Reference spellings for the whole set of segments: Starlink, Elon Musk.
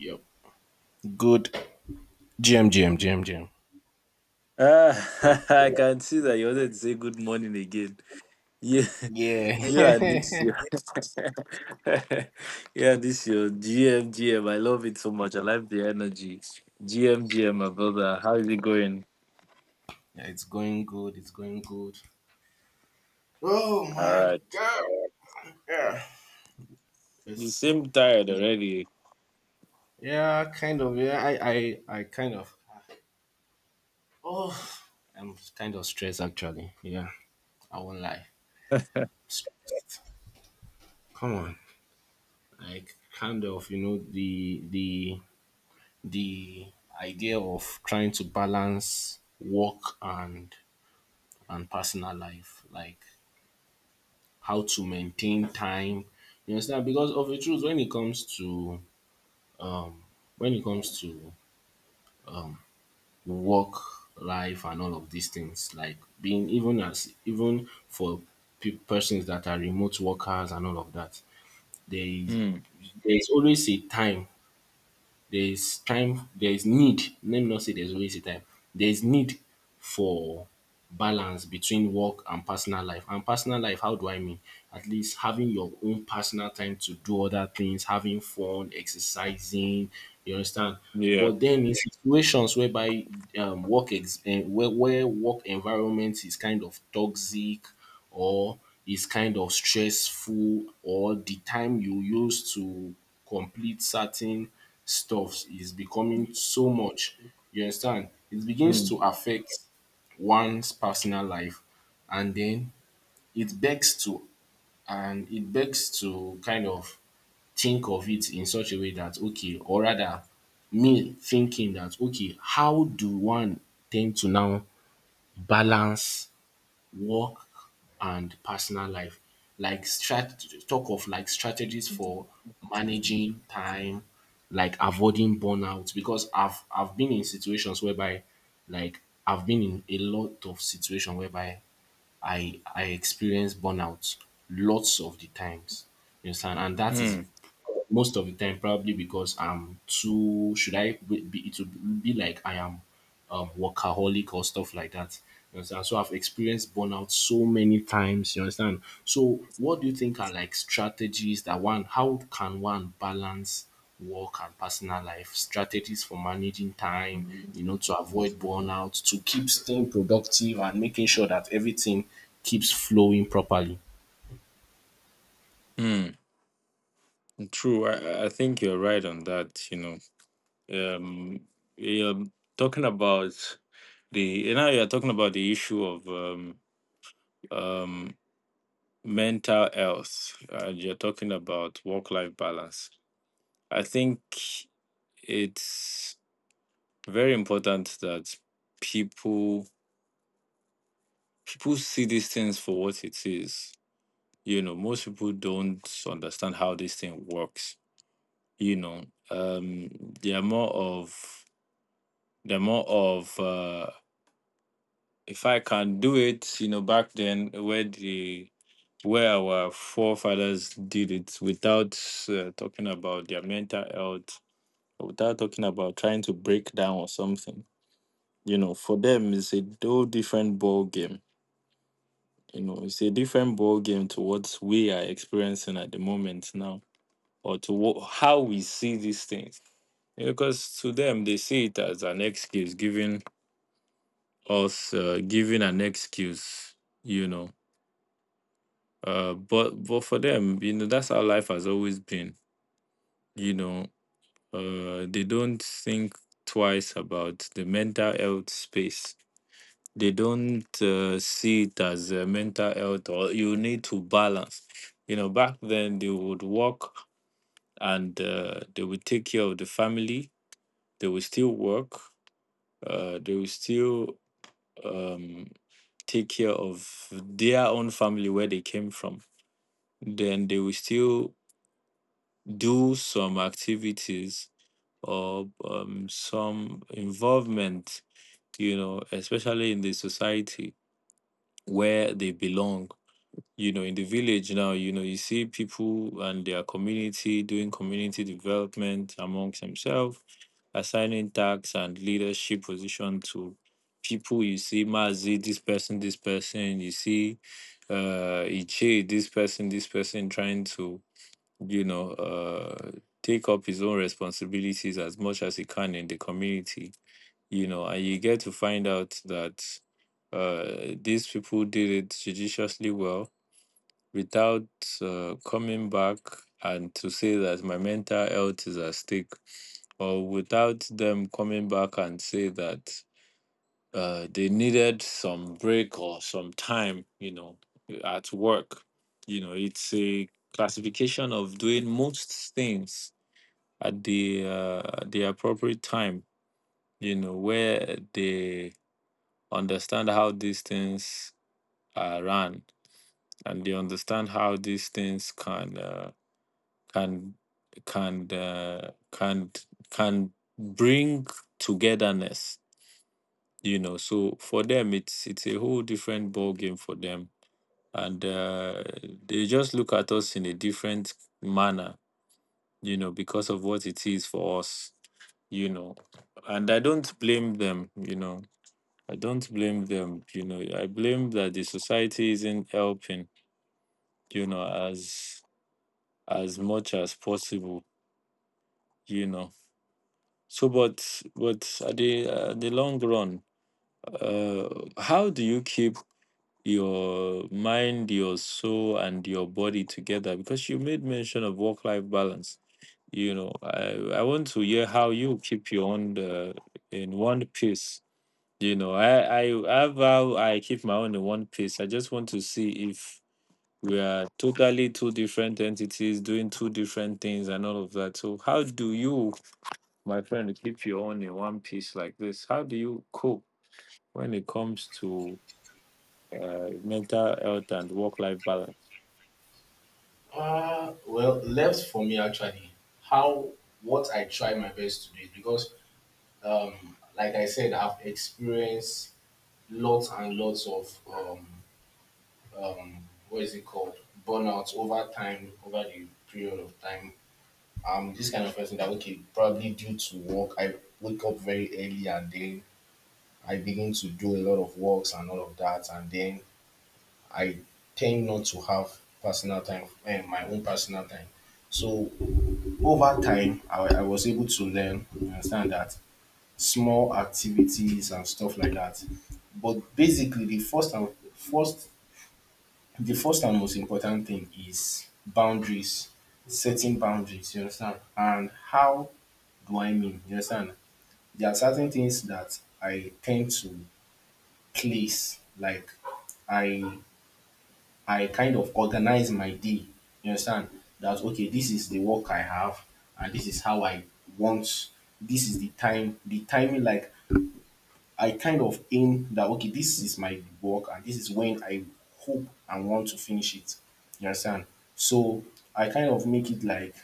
Yep. Good. GM, GM, GM, GM. Ah, I can see that you wanted to say good morning again. You, Yeah. you and yeah, this your GM. I love it so much. I like the energy. GMGM, my brother. How is it going? yeah, it's going good. It's going good. Oh All my right. god. Yeah. You It's, seem tired already. yeah, kind of. Yeah, I kind of. Oh, I'm kind of stressed actually. Yeah, I won't lie. Stressed. Come on. Like kind of, the idea of trying to balance work and personal life. Like how to maintain time. You understand? Because of the truth, when it comes to work life and all of these things, like being even as even for persons that are remote workers and all of that, there is Hmm. there is always a time. There is time. There is need. Let me not say there's always a time. There is need for balance between work and personal life. And personal life, how do I mean? At least having your own personal time to do other things, having fun, exercising, you understand? Yeah. But then in situations whereby work ex- eh, where work environment is kind of toxic or is kind of stressful, or the time you use to complete certain stuff is becoming so much. You understand, it begins Hmm. to affect one's personal life, and then it begs to it begs to kind of think of it in such a way that okay, or rather me thinking that okay, how do one tend to now balance work and personal life, like strategies for managing time, like avoiding burnout, because I've been in situations whereby, like, I've been in a lot of situation whereby I experience burnout lots of the times. You understand? And that is Hmm. most of the time, probably because I'm too, should I be it would be like I am workaholic or stuff like that. You understand? So I've experienced burnout so many times, you understand? So what do you think are, like, strategies that one, how can one balance work and personal life, strategies for managing time, you know, to avoid burnout, to keep staying productive and making sure that everything keeps flowing properly? Hmm. True. I think you're right on that. You know. Um. You're talking about the. Now you're talking about the issue of um. mental health, and you're talking about work life balance. I think it's very important that people people see these things for what it is. You know, most people don't understand how this thing works. You know, um, they're more of they're more of uh, if I can do it. You know, back then where the where our forefathers did it without talking about their mental health, without talking about trying to break down or something. You know, for them, it's a whole different ball game. You know, it's a different ball game to what we are experiencing at the moment now, or to what, how we see these things. Because to them, they see it as an excuse, giving us, giving an excuse. You know, but for them, you know, that's how life has always been. You know, they don't think twice about the mental health space. They don't see it as mental health, or you need to balance. You know, back then they would work, and they would take care of the family. They would still work. They would still um, take care of their own family where they came from. Then they will still do some activities or some involvement, you know, especially in the society where they belong. You know, in the village now, you know, you see people and their community doing community development amongst themselves, assigning tasks and leadership position to people. You see mazi this person this person, you see iche this person this person, trying to, you know, take up his own responsibilities as much as he can in the community. You know, and you get to find out that these people did it judiciously well, without coming back and to say that my mental health is at stake, or without them coming back and say that they needed some break or some time, you know, at work. You know, it's a classification of doing most things at the appropriate time. You know, where they understand how these things are run, and they understand how these things can. Can can uh, can can bring togetherness. You know, so for them it's a whole different ball game for them. And they just look at us in a different manner, you know, because of what it is for us. You know, and I don't blame them, you know. I don't blame them, you know. I blame that the society isn't helping, you know, as much as possible, you know. So, but at the long run, uh, how do you keep your mind, your soul, and your body together? Because you made mention of work life balance. You know, I want to hear how you keep your own in one piece. You know, I have how I keep my own in one piece. I just want to see if we are totally two different entities doing two different things and all of that. So, how do you, my friend, to keep you on in one piece like this, how do you cope when it comes to mental health and work life balance? Well, left for me actually. How what I try my best to do is because, like I said, I've experienced lots and lots of um, what is it called, burnout over time, over the period of time. I'm this kind of person that okay, probably due to work, I wake up very early, and then I begin to do a lot of works and all of that, and then I tend not to have personal time, and my own personal time. So over time, I was able to learn, you understand, that small activities and stuff like that. But basically, first, the first and most important thing is boundaries, setting boundaries. You understand, and how what I mean. You understand? There are certain things that I tend to place. Like I I kind of organize my day. You understand? That okay, this is the work I have, and this is how I want, this is the time the timing, like I kind of aim that okay, this is my work, and this is when I hope and want to finish it. You understand? So I kind of make it,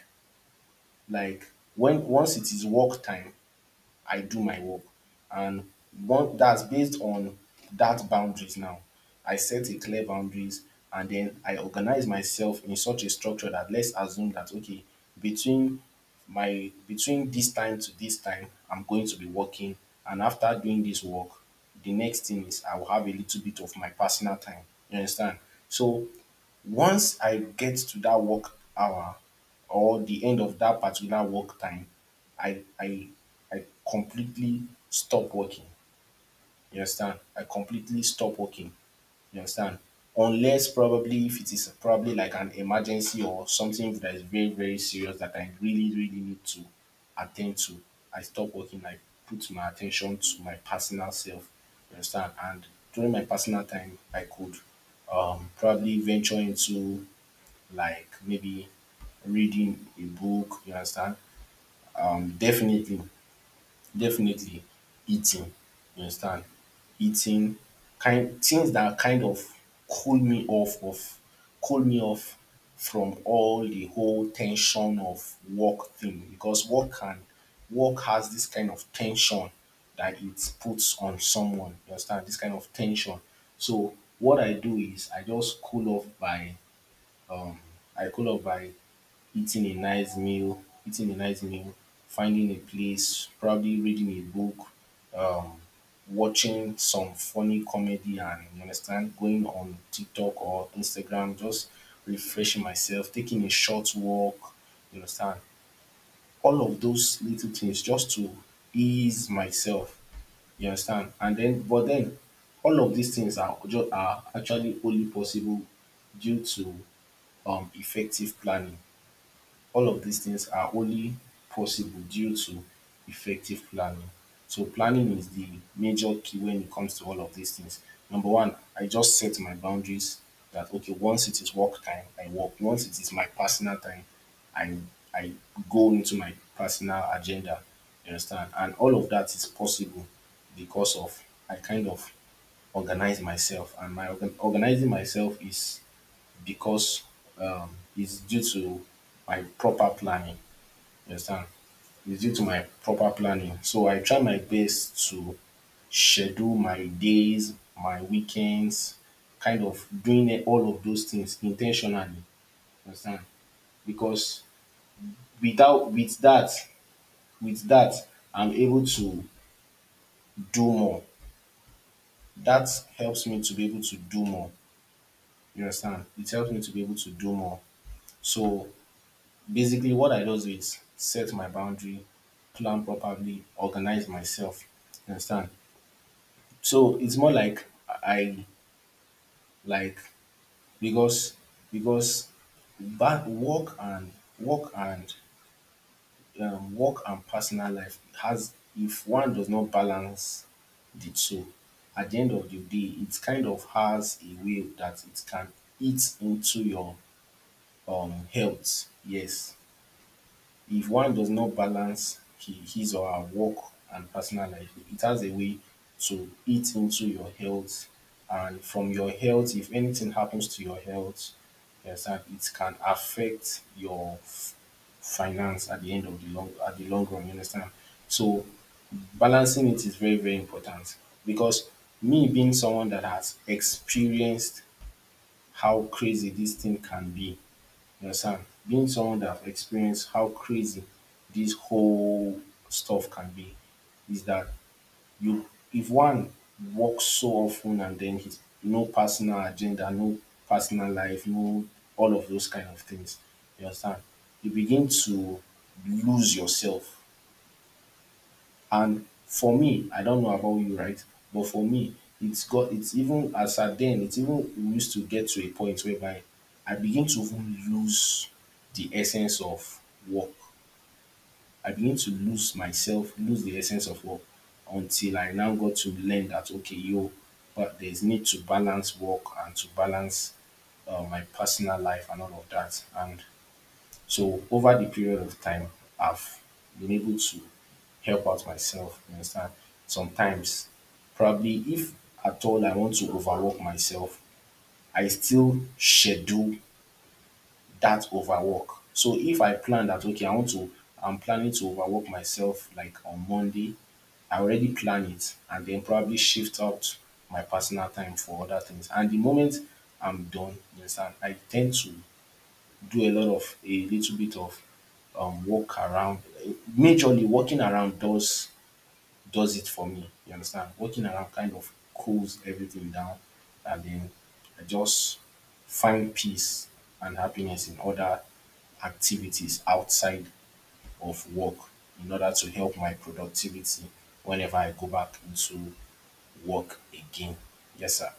like when once it is work time, I do my work. And one that's based on that boundaries now. I set a clear boundaries, and then I organize myself in such a structure that let's assume that okay, between between this time to this time, I'm going to be working. And after doing this work, the next thing is I will have a little bit of my personal time. You understand? So once I get to that work hour or the end of that particular work time, I I I completely stop working. You understand? I completely stop working. You understand? Unless probably if it is probably like an emergency or something that is very very serious that I really really need to attend to, I stop working. I put my attention to my personal self. You understand? And during my personal time, I could, probably venture into, like, maybe reading a book, you understand? Definitely, definitely eating, you understand? Eating, kind, things that kind of cool me off of cool me off from all the whole tension of work thing, because work has this kind of tension that it puts on someone, you understand? This kind of tension. So what I do is I just cool off um by eating a nice meal, finding a place, probably reading a book, um, watching some funny comedy, and, you understand, going on TikTok or Instagram, just refreshing myself, taking a short walk, you understand, all of those little things just to ease myself, you understand, and then but then all of these things are just, are actually only possible due to effective planning. All of these things are only possible due to effective planning. So planning is the major key when it comes to all of these things. Number one, I just set my boundaries that okay, once it is work time, I work. Once it is my personal time, I I go into my personal agenda. You understand? And all of that is possible because of, I kind of organize myself, and my organizing myself is because, um, it's due to my proper planning. You understand? It's due to my proper planning. So I try my best to schedule my days, my weekends, kind of doing all of those things intentionally. You understand? Because without with that, with that, I'm able to do more. That helps me to be able to do more. You understand? It helps me to be able to do more. So basically, what I just do is set my boundary, plan properly, organize myself. You understand? So it's more like, I like because because back, work and work and personal life has, if one does not balance the two, at the end of the day, it kind of has a way that it can eat into your health. Yes. If one does not balance, his or her work and personal life, it has a way to eat into your health. And from your health, if anything happens to your health, you understand, it can affect your finance at the end of the long, at the long run. You understand? So balancing it is very very important, because me being someone that has experienced how crazy this thing can be, you understand? Being someone that have experienced how crazy this whole stuff can be, is that, you if one works so often, and then his, no personal agenda, no personal life, no, all of those kind of things. You understand? You begin to lose yourself. And for me, I don't know about you, right? But for me, it's even as at then, it's even used to get to a point whereby I begin to even lose the essence of work. I begin to lose myself, lose the essence of work, until I now got to learn that okay, yo, but there's need to balance work, and to balance my personal life and all of that. And so over the period of time, I've been able to help out myself. You understand? Sometimes, probably if at all I want to overwork myself, I still schedule that overwork. So if I plan that okay, I'm planning to overwork myself like on Monday, I already plan it, and then probably shift out my personal time for other things. And the moment I'm done, you understand, I tend to do a little bit of, walk around. Majorly, walking around does it for me. You understand? Walking around kind of cools everything down, and then I just find peace and happiness in other activities outside of work, in order to help my productivity whenever I go back into work again. Yes, sir.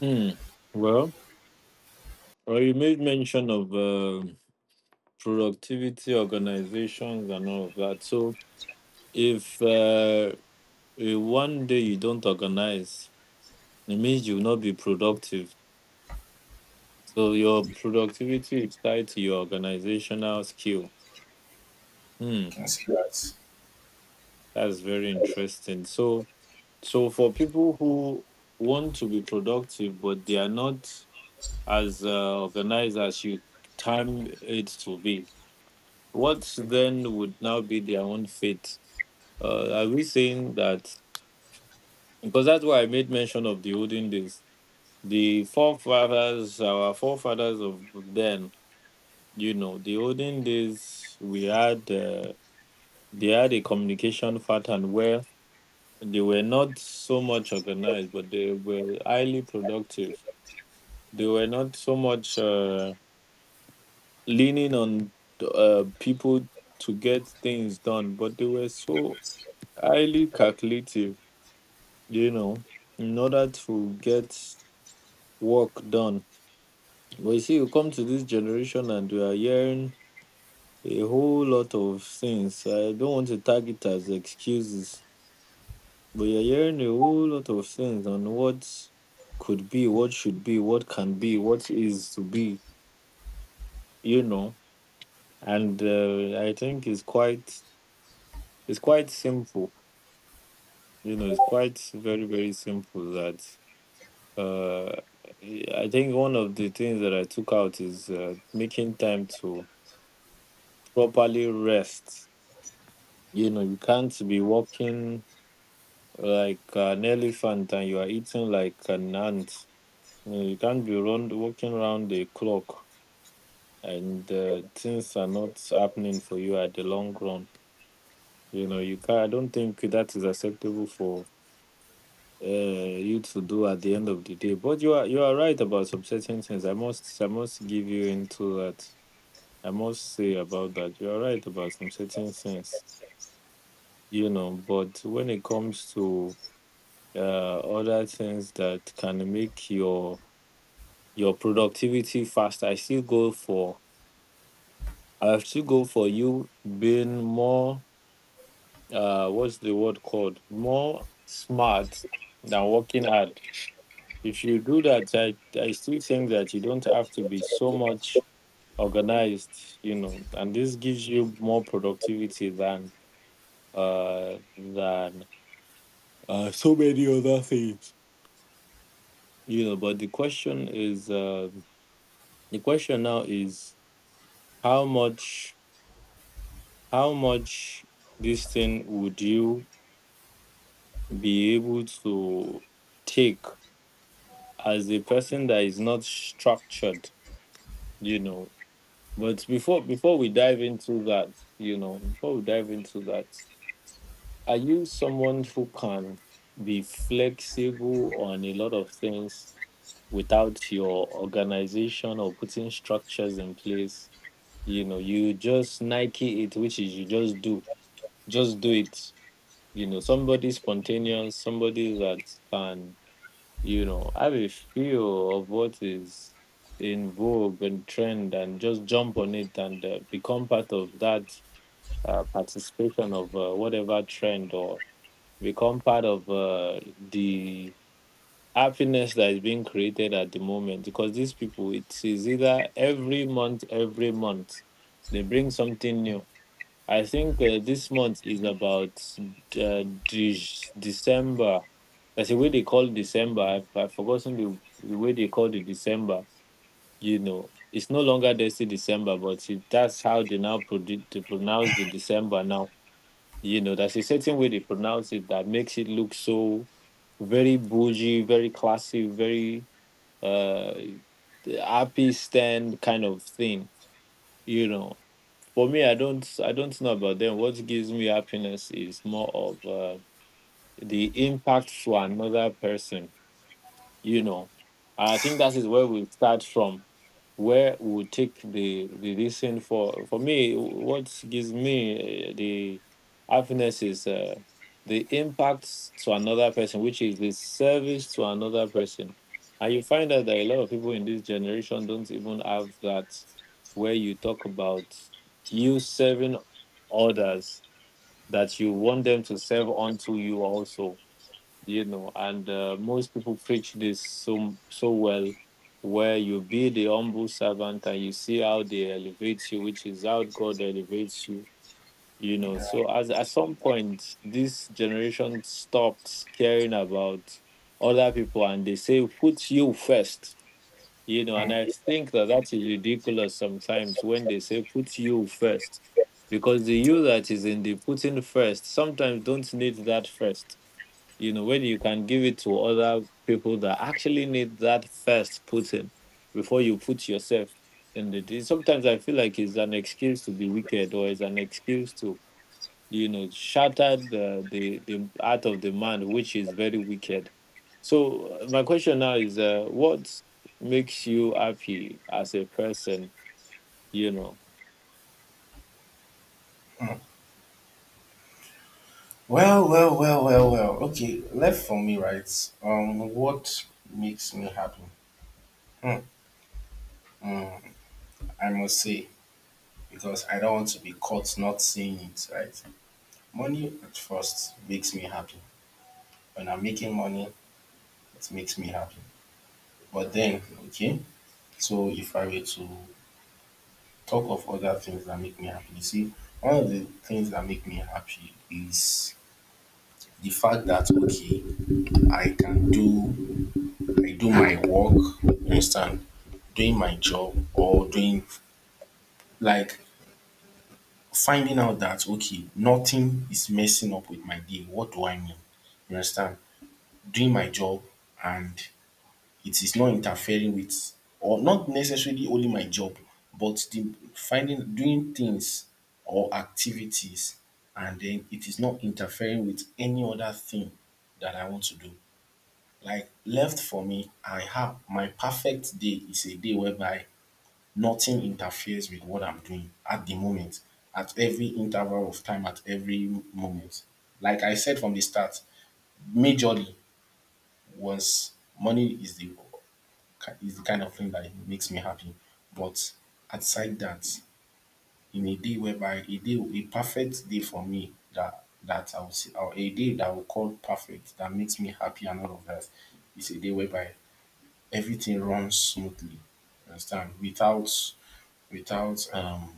Hmm. Well, well, you made mention of productivity, organizations, and all of that. So, if one day you don't organize, it means you will not be productive. So, your productivity is tied to your organizational skill. You Hmm. can see that. That's very interesting. So, so for people who want to be productive but they are not as organized as you time it to be, what then would now be their own fate? Are we saying that, because that's why I made mention of the olden days, the forefathers, our forefathers of then, you know, the olden days we had they had a communication pattern where they were not so much organized, but they were highly productive. They were not so much leaning on people to get things done, but they were so highly calculative, you know, in order to get work done. But you see, you come to this generation and we are hearing a whole lot of things. I don't want to tag it as excuses, but you're hearing a whole lot of things on what could be, what should be, what can be, what is to be, you know. And I think it's quite simple. You know, it's quite very very simple. That uh, I think one of the things that I took out is making time to properly rest. You know, you can't be walking like an elephant and you are eating like an ant. You know, you can't walking around the clock and things are not happening for you at the long run. You know, you can not I don't think that is acceptable for you to do at the end of the day. But you are, you are right about some certain things. I must give you into that. I must say about that. You are right about some certain things, you know. But when it comes to other things that can make your productivity faster, I still go for you being more what's the word called, more smart than working hard. If you do that, I still think that you don't have to be so much organized, you know, and this gives you more productivity than uh than so many other things, you know. But the question is the question now is, how much, how much this thing would you be able to take as a person that is not structured, you know. But before we dive into that, you know, before we dive into that, are you someone who can be flexible on a lot of things without your organization or putting structures in place? You know, you just Nike it, which is you just do it. You know, somebody spontaneous, somebody that can, you know, have a feel of what is in vogue and trend and just jump on it, and become part of that participation of whatever trend, or become part of the happiness that is being created at the moment, because these people, it is either every month, every month they bring something new. I think this month is about December. That's the way they call December. I've forgotten the way they call it December. You know, it's no longer Desi December, but it, that's how they now to pronounce the December now. You know, there's a certain way they pronounce it that makes it look so very bougie, very classy, very uh, happy stand kind of thing. You know, for me, I don't, I don't know about them. What gives me happiness is more of the impact for another person, you know. I think that is where we start from, where we would take the reason for me, what gives me the happiness is the impact to another person, which is the service to another person. And you find out that a lot of people in this generation don't even have that, where you talk about you serving others that you want them to serve unto you also, you know. And most people preach this so so well, where you be the humble servant and you see how they elevate you, which is how God elevates you, you know. So as at some point this generation stopped caring about other people and they say put you first, you know. And I Mm. think that that is ridiculous sometimes when they say put you first, because the you that is in the putting first sometimes don't need that first, you know, when you can give it to other people that actually need that first put in before you put yourself in the thing. Sometimes I feel like it's an excuse to be wicked, or it's an excuse to, you know, shatter the heart of the man, which is very wicked. So my question now is, what makes you happy as a person, you know? Well, well, well, well, well. Okay, left for me, right? What makes me happy? Hmm, I must say, because I don't want to be caught not seeing it, right? Money at first makes me happy. When I'm making money, it makes me happy. But then, okay, so if I were to talk of other things that make me happy, you see, one of the things that make me happy is the fact that, okay, I can do I do my work, you understand, doing my job, or doing like finding out that okay, nothing is messing up with my day. What do I mean? You understand? Doing my job and it is not interfering with, or not necessarily only my job, but the finding doing things or activities, and then it is not interfering with any other thing that I want to do. Like, left for me, I have my perfect day is a day whereby nothing interferes with what I'm doing at the moment, at every interval of time, at every moment. Like I said from the start, majorly was money is the kind of thing that makes me happy. But outside that, in a day whereby a day a perfect day for me that I will see, or a day that I will call perfect that makes me happy and all of that, is a day whereby everything runs smoothly. You Understand? Without without um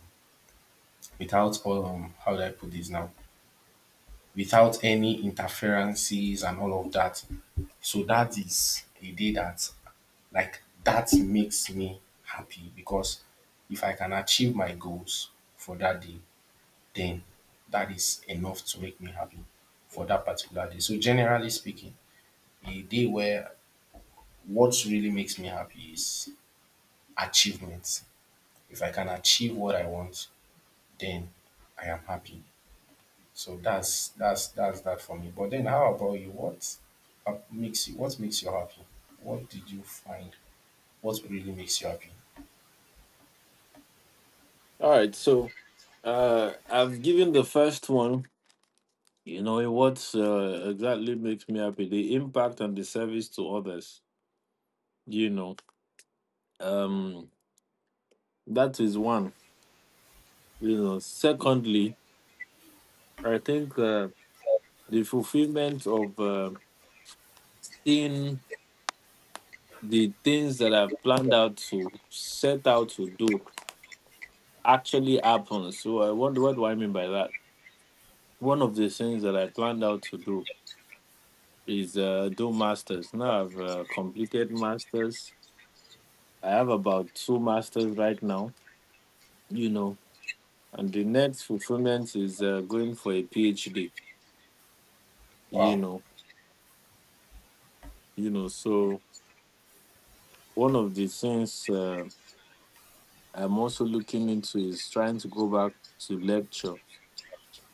without how do I put this now? Without any interferences and all of that. So that is a day that, like, that makes me happy, because if I can achieve my goals for that day, then that is enough to make me happy for that particular day. So generally speaking, a day where what really makes me happy is achievement. If I can achieve what I want, then I am happy. So that's that for me. But then, how about you? What makes you? What makes you happy? What did you find? What really makes you happy? All right. So I've given the first one. You know, it, what exactly makes me happy, the impact and the service to others. You know, um, that is one. You know, secondly, I think the fulfillment of seeing the things that I've planned out to set out to do actually happen. So, what do I mean by that? One of the things that I planned out to do is do masters. Now I've completed masters. I have about two masters right now. You know, and the next fulfillment is going for a PhD. You Wow, know, you know. So one of the things I'm also looking into is trying to go back to lecture.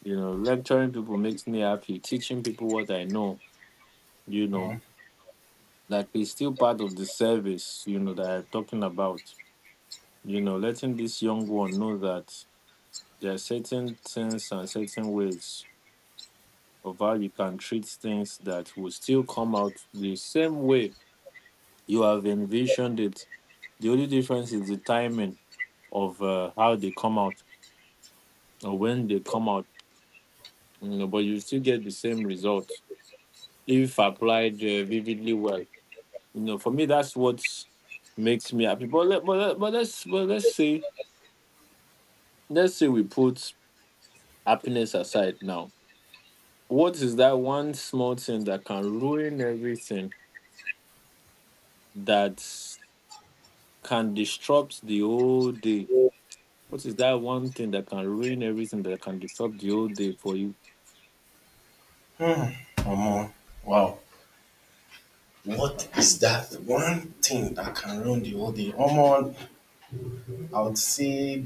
You know, lecturing people makes me happy. Teaching people what I know. You know, like it's still part of the service. You know that I'm talking about. You know, letting this young one know that there are certain things and certain ways of how you can treat things that will still come out the same way you have envisioned it. The only difference is the timing of how they come out or when they come out. You know, but you still get the same result if applied vividly well. You know, for me, that's what makes me happy. But let, but let, but let's say we put happiness aside now. What is that one small thing that can ruin everything that can disrupt the whole day? What is that one thing that can ruin everything that can disturb the whole day for you? Omo, wow. What is that one thing that can ruin the whole day? Omo, I would say,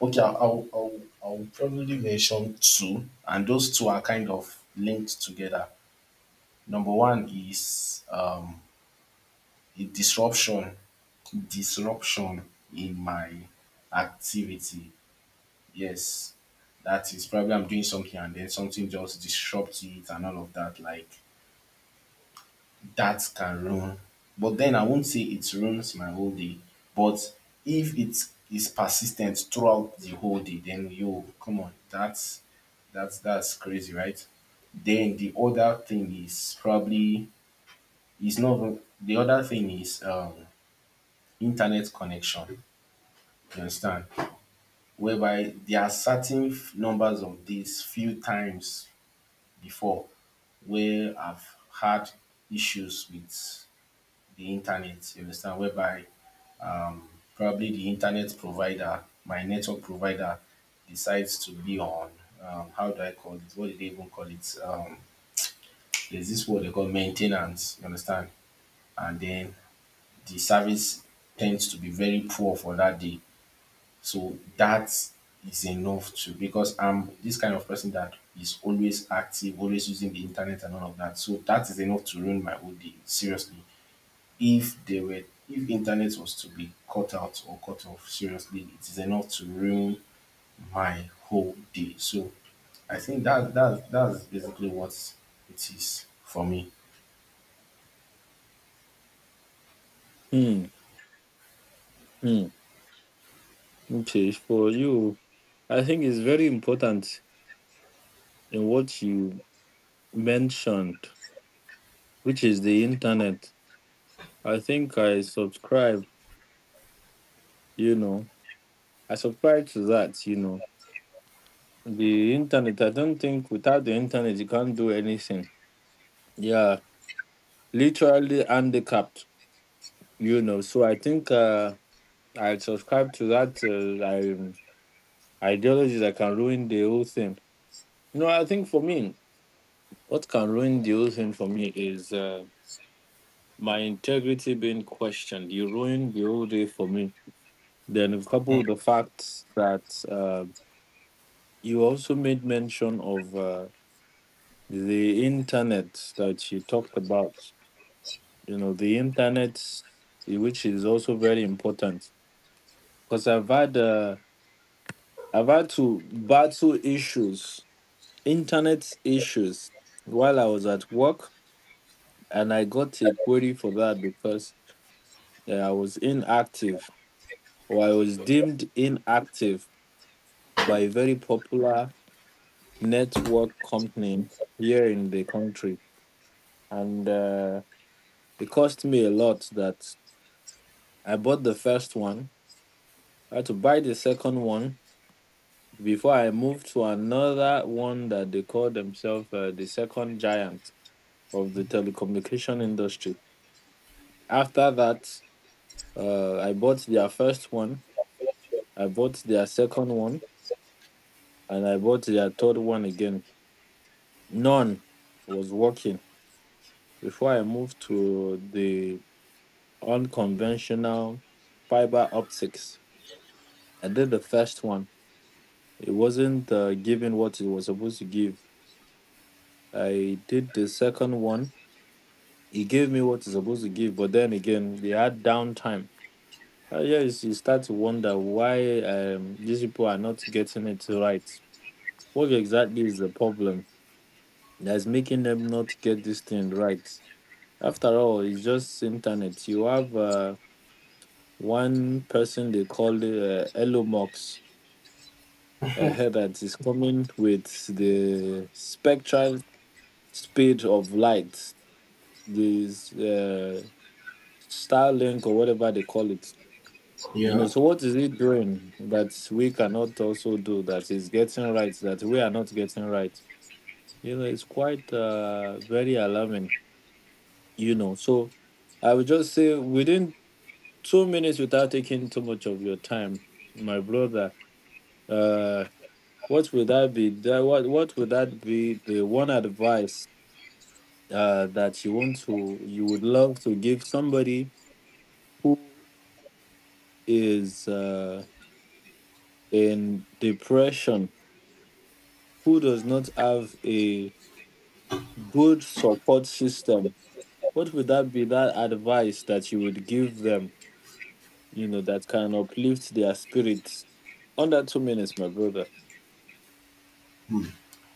okay. I'll probably mention two, and those two are kind of linked together. Number one is a disruption disruption in my activity. Yes, that is probably I'm doing something and then something just disrupts it and all of that. Like that can ruin. But then I won't say it ruins my whole day. But if it is persistent throughout the whole day, then yo, come on, that's crazy, right? Then the other thing is probably is not even- the other thing is internet connection. You understand? Whereby there are certain numbers of days, few times before where I've had issues with the internet, you understand, whereby um, probably the internet provider, my network provider, decides to be on. How do I call it? What do they even call it? There's this word they call maintenance, you understand? And then the service tends to be very poor for that day. So that is enough to, because I'm this kind of person that is always active, always using the internet and all of that. So that is enough to ruin my whole day. Seriously. If they were, if internet was to be cut out or cut off, seriously, it is enough to ruin my whole day. So I think that that's basically what it is for me. Mm, mm. Okay, for you, I think it's very important in what you mentioned, which is the internet. I think I subscribe, you know, I subscribe to that, you know. The internet, I don't think without the internet you can't do anything. Yeah, literally handicapped, you know. So I think I subscribe to that. I Ideologies that can ruin the whole thing. You know, I think for me, what can ruin the whole thing for me is my integrity being questioned. You ruined the whole day for me. Then, coupled with the fact that you also made mention of the internet that you talked about. You know, the internet, eh, which is also very important. Because I've had to battle issues, internet issues, while I was at work and I got a query for that because I was inactive or I was deemed inactive by a very popular network company here in the country. And it cost me a lot that I bought the first one. I had to buy the second one before I moved to another one that they call themselves the second giant of the telecommunication industry. After that, I bought their first one. I bought their second one and I bought their third one again. None was working before I moved to the unconventional fiber optics. I did the first one, it wasn't giving what it was supposed to give. I did the second one, it gave me what it's supposed to give, but then again, they had downtime. Yes, you start to wonder why these people are not getting it right. What exactly is the problem that's making them not get this thing right? After all, it's just internet. You have one person they call Elon Musk ahead that is coming with the spectral speed of light, this Starlink or whatever they call it. You know, Yeah. so what is it doing that we cannot also do that is getting right that we are not getting right? You know, it's quite very alarming. You know, so I would just say within 2 minutes without taking too much of your time, my brother. Uh, what would that be? That, what would that be? The one advice that you would love to give somebody who is in depression, who does not have a good support system. What would that be? That advice that you would give them, you know, that can uplift their spirits. Under 2 minutes, my brother.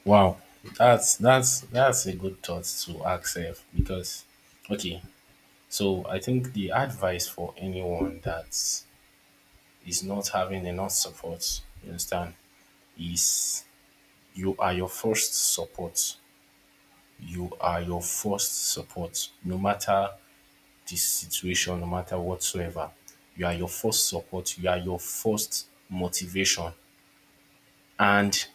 Wow, that's a good thought to ask self, because okay. So I think the advice for anyone that is not having enough support, you understand, is you are your first support. You are your first support, no matter the situation, no matter whatsoever. You are your first support. You are your first motivation. And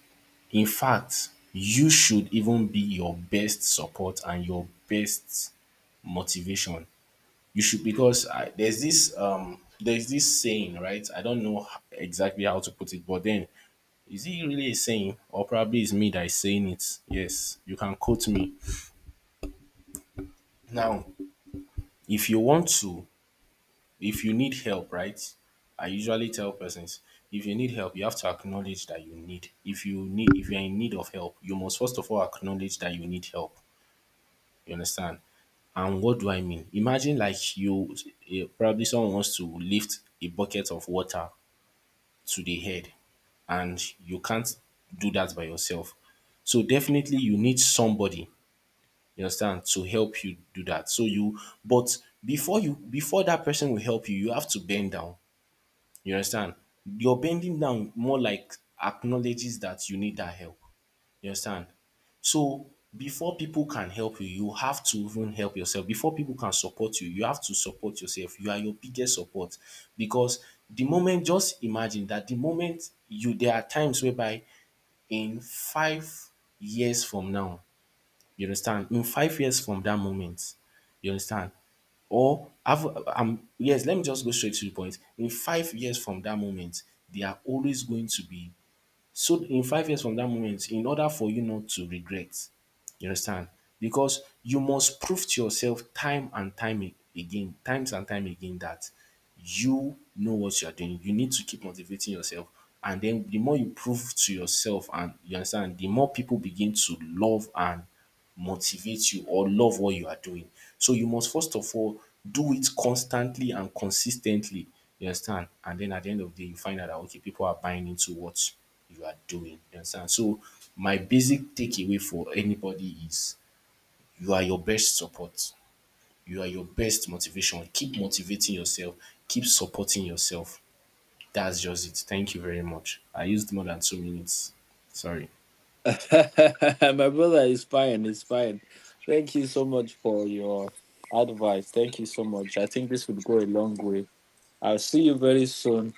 in fact, you should even be your best support and your best motivation. You should, because I, there's this saying, right? I don't know exactly how to put it, but then is it really a saying, or probably it's me that is saying it? Yes, you can quote me now. If you want to, if you need help, right, I usually tell persons, if you need help, you have to acknowledge that you need, if you need, if you're in need of help, you must first of all acknowledge that you need help. You understand? And what do I mean? Imagine, like, you, eh, probably someone wants to lift a bucket of water to the head and you can't do that by yourself. So definitely you need somebody, you understand, to help you do that. So you, but before you, before that person will help you, you have to bend down. You understand? Your bending down more like acknowledges that you need that help. You understand? So before people can help you, you have to even help yourself. Before people can support you, you have to support yourself. You are your biggest support, because the moment, just imagine that the moment you, there are times whereby in 5 years from now, you understand? In 5 years from that moment, you understand? Or have yes, let me just go straight to the point. In 5 years from that moment, they are always going to be, so in 5 years from that moment, in order for you not to regret, you understand? Because you must prove to yourself time and again, times and time again, that you know what you are doing. You need to keep motivating yourself. And then the more you prove to yourself, and you understand, the more people begin to love and motivate you, or love what you are doing. So you must first of all do it constantly and consistently. You understand? And then at the end of the day, you find out that okay, people are buying into what you are doing. You understand? So my basic takeaway for anybody is, you are your best support. You are your best motivation. Keep motivating yourself. Keep supporting yourself. That's just it. Thank you very much. I used more than 2 minutes. Sorry. My brother is fine. Is fine. Thank you so much for your advice. Thank you so much. I think this would go a long way. I'll see you very soon.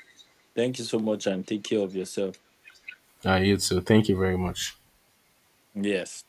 Thank you so much and take care of yourself. I you too. Thank you very much. Yes.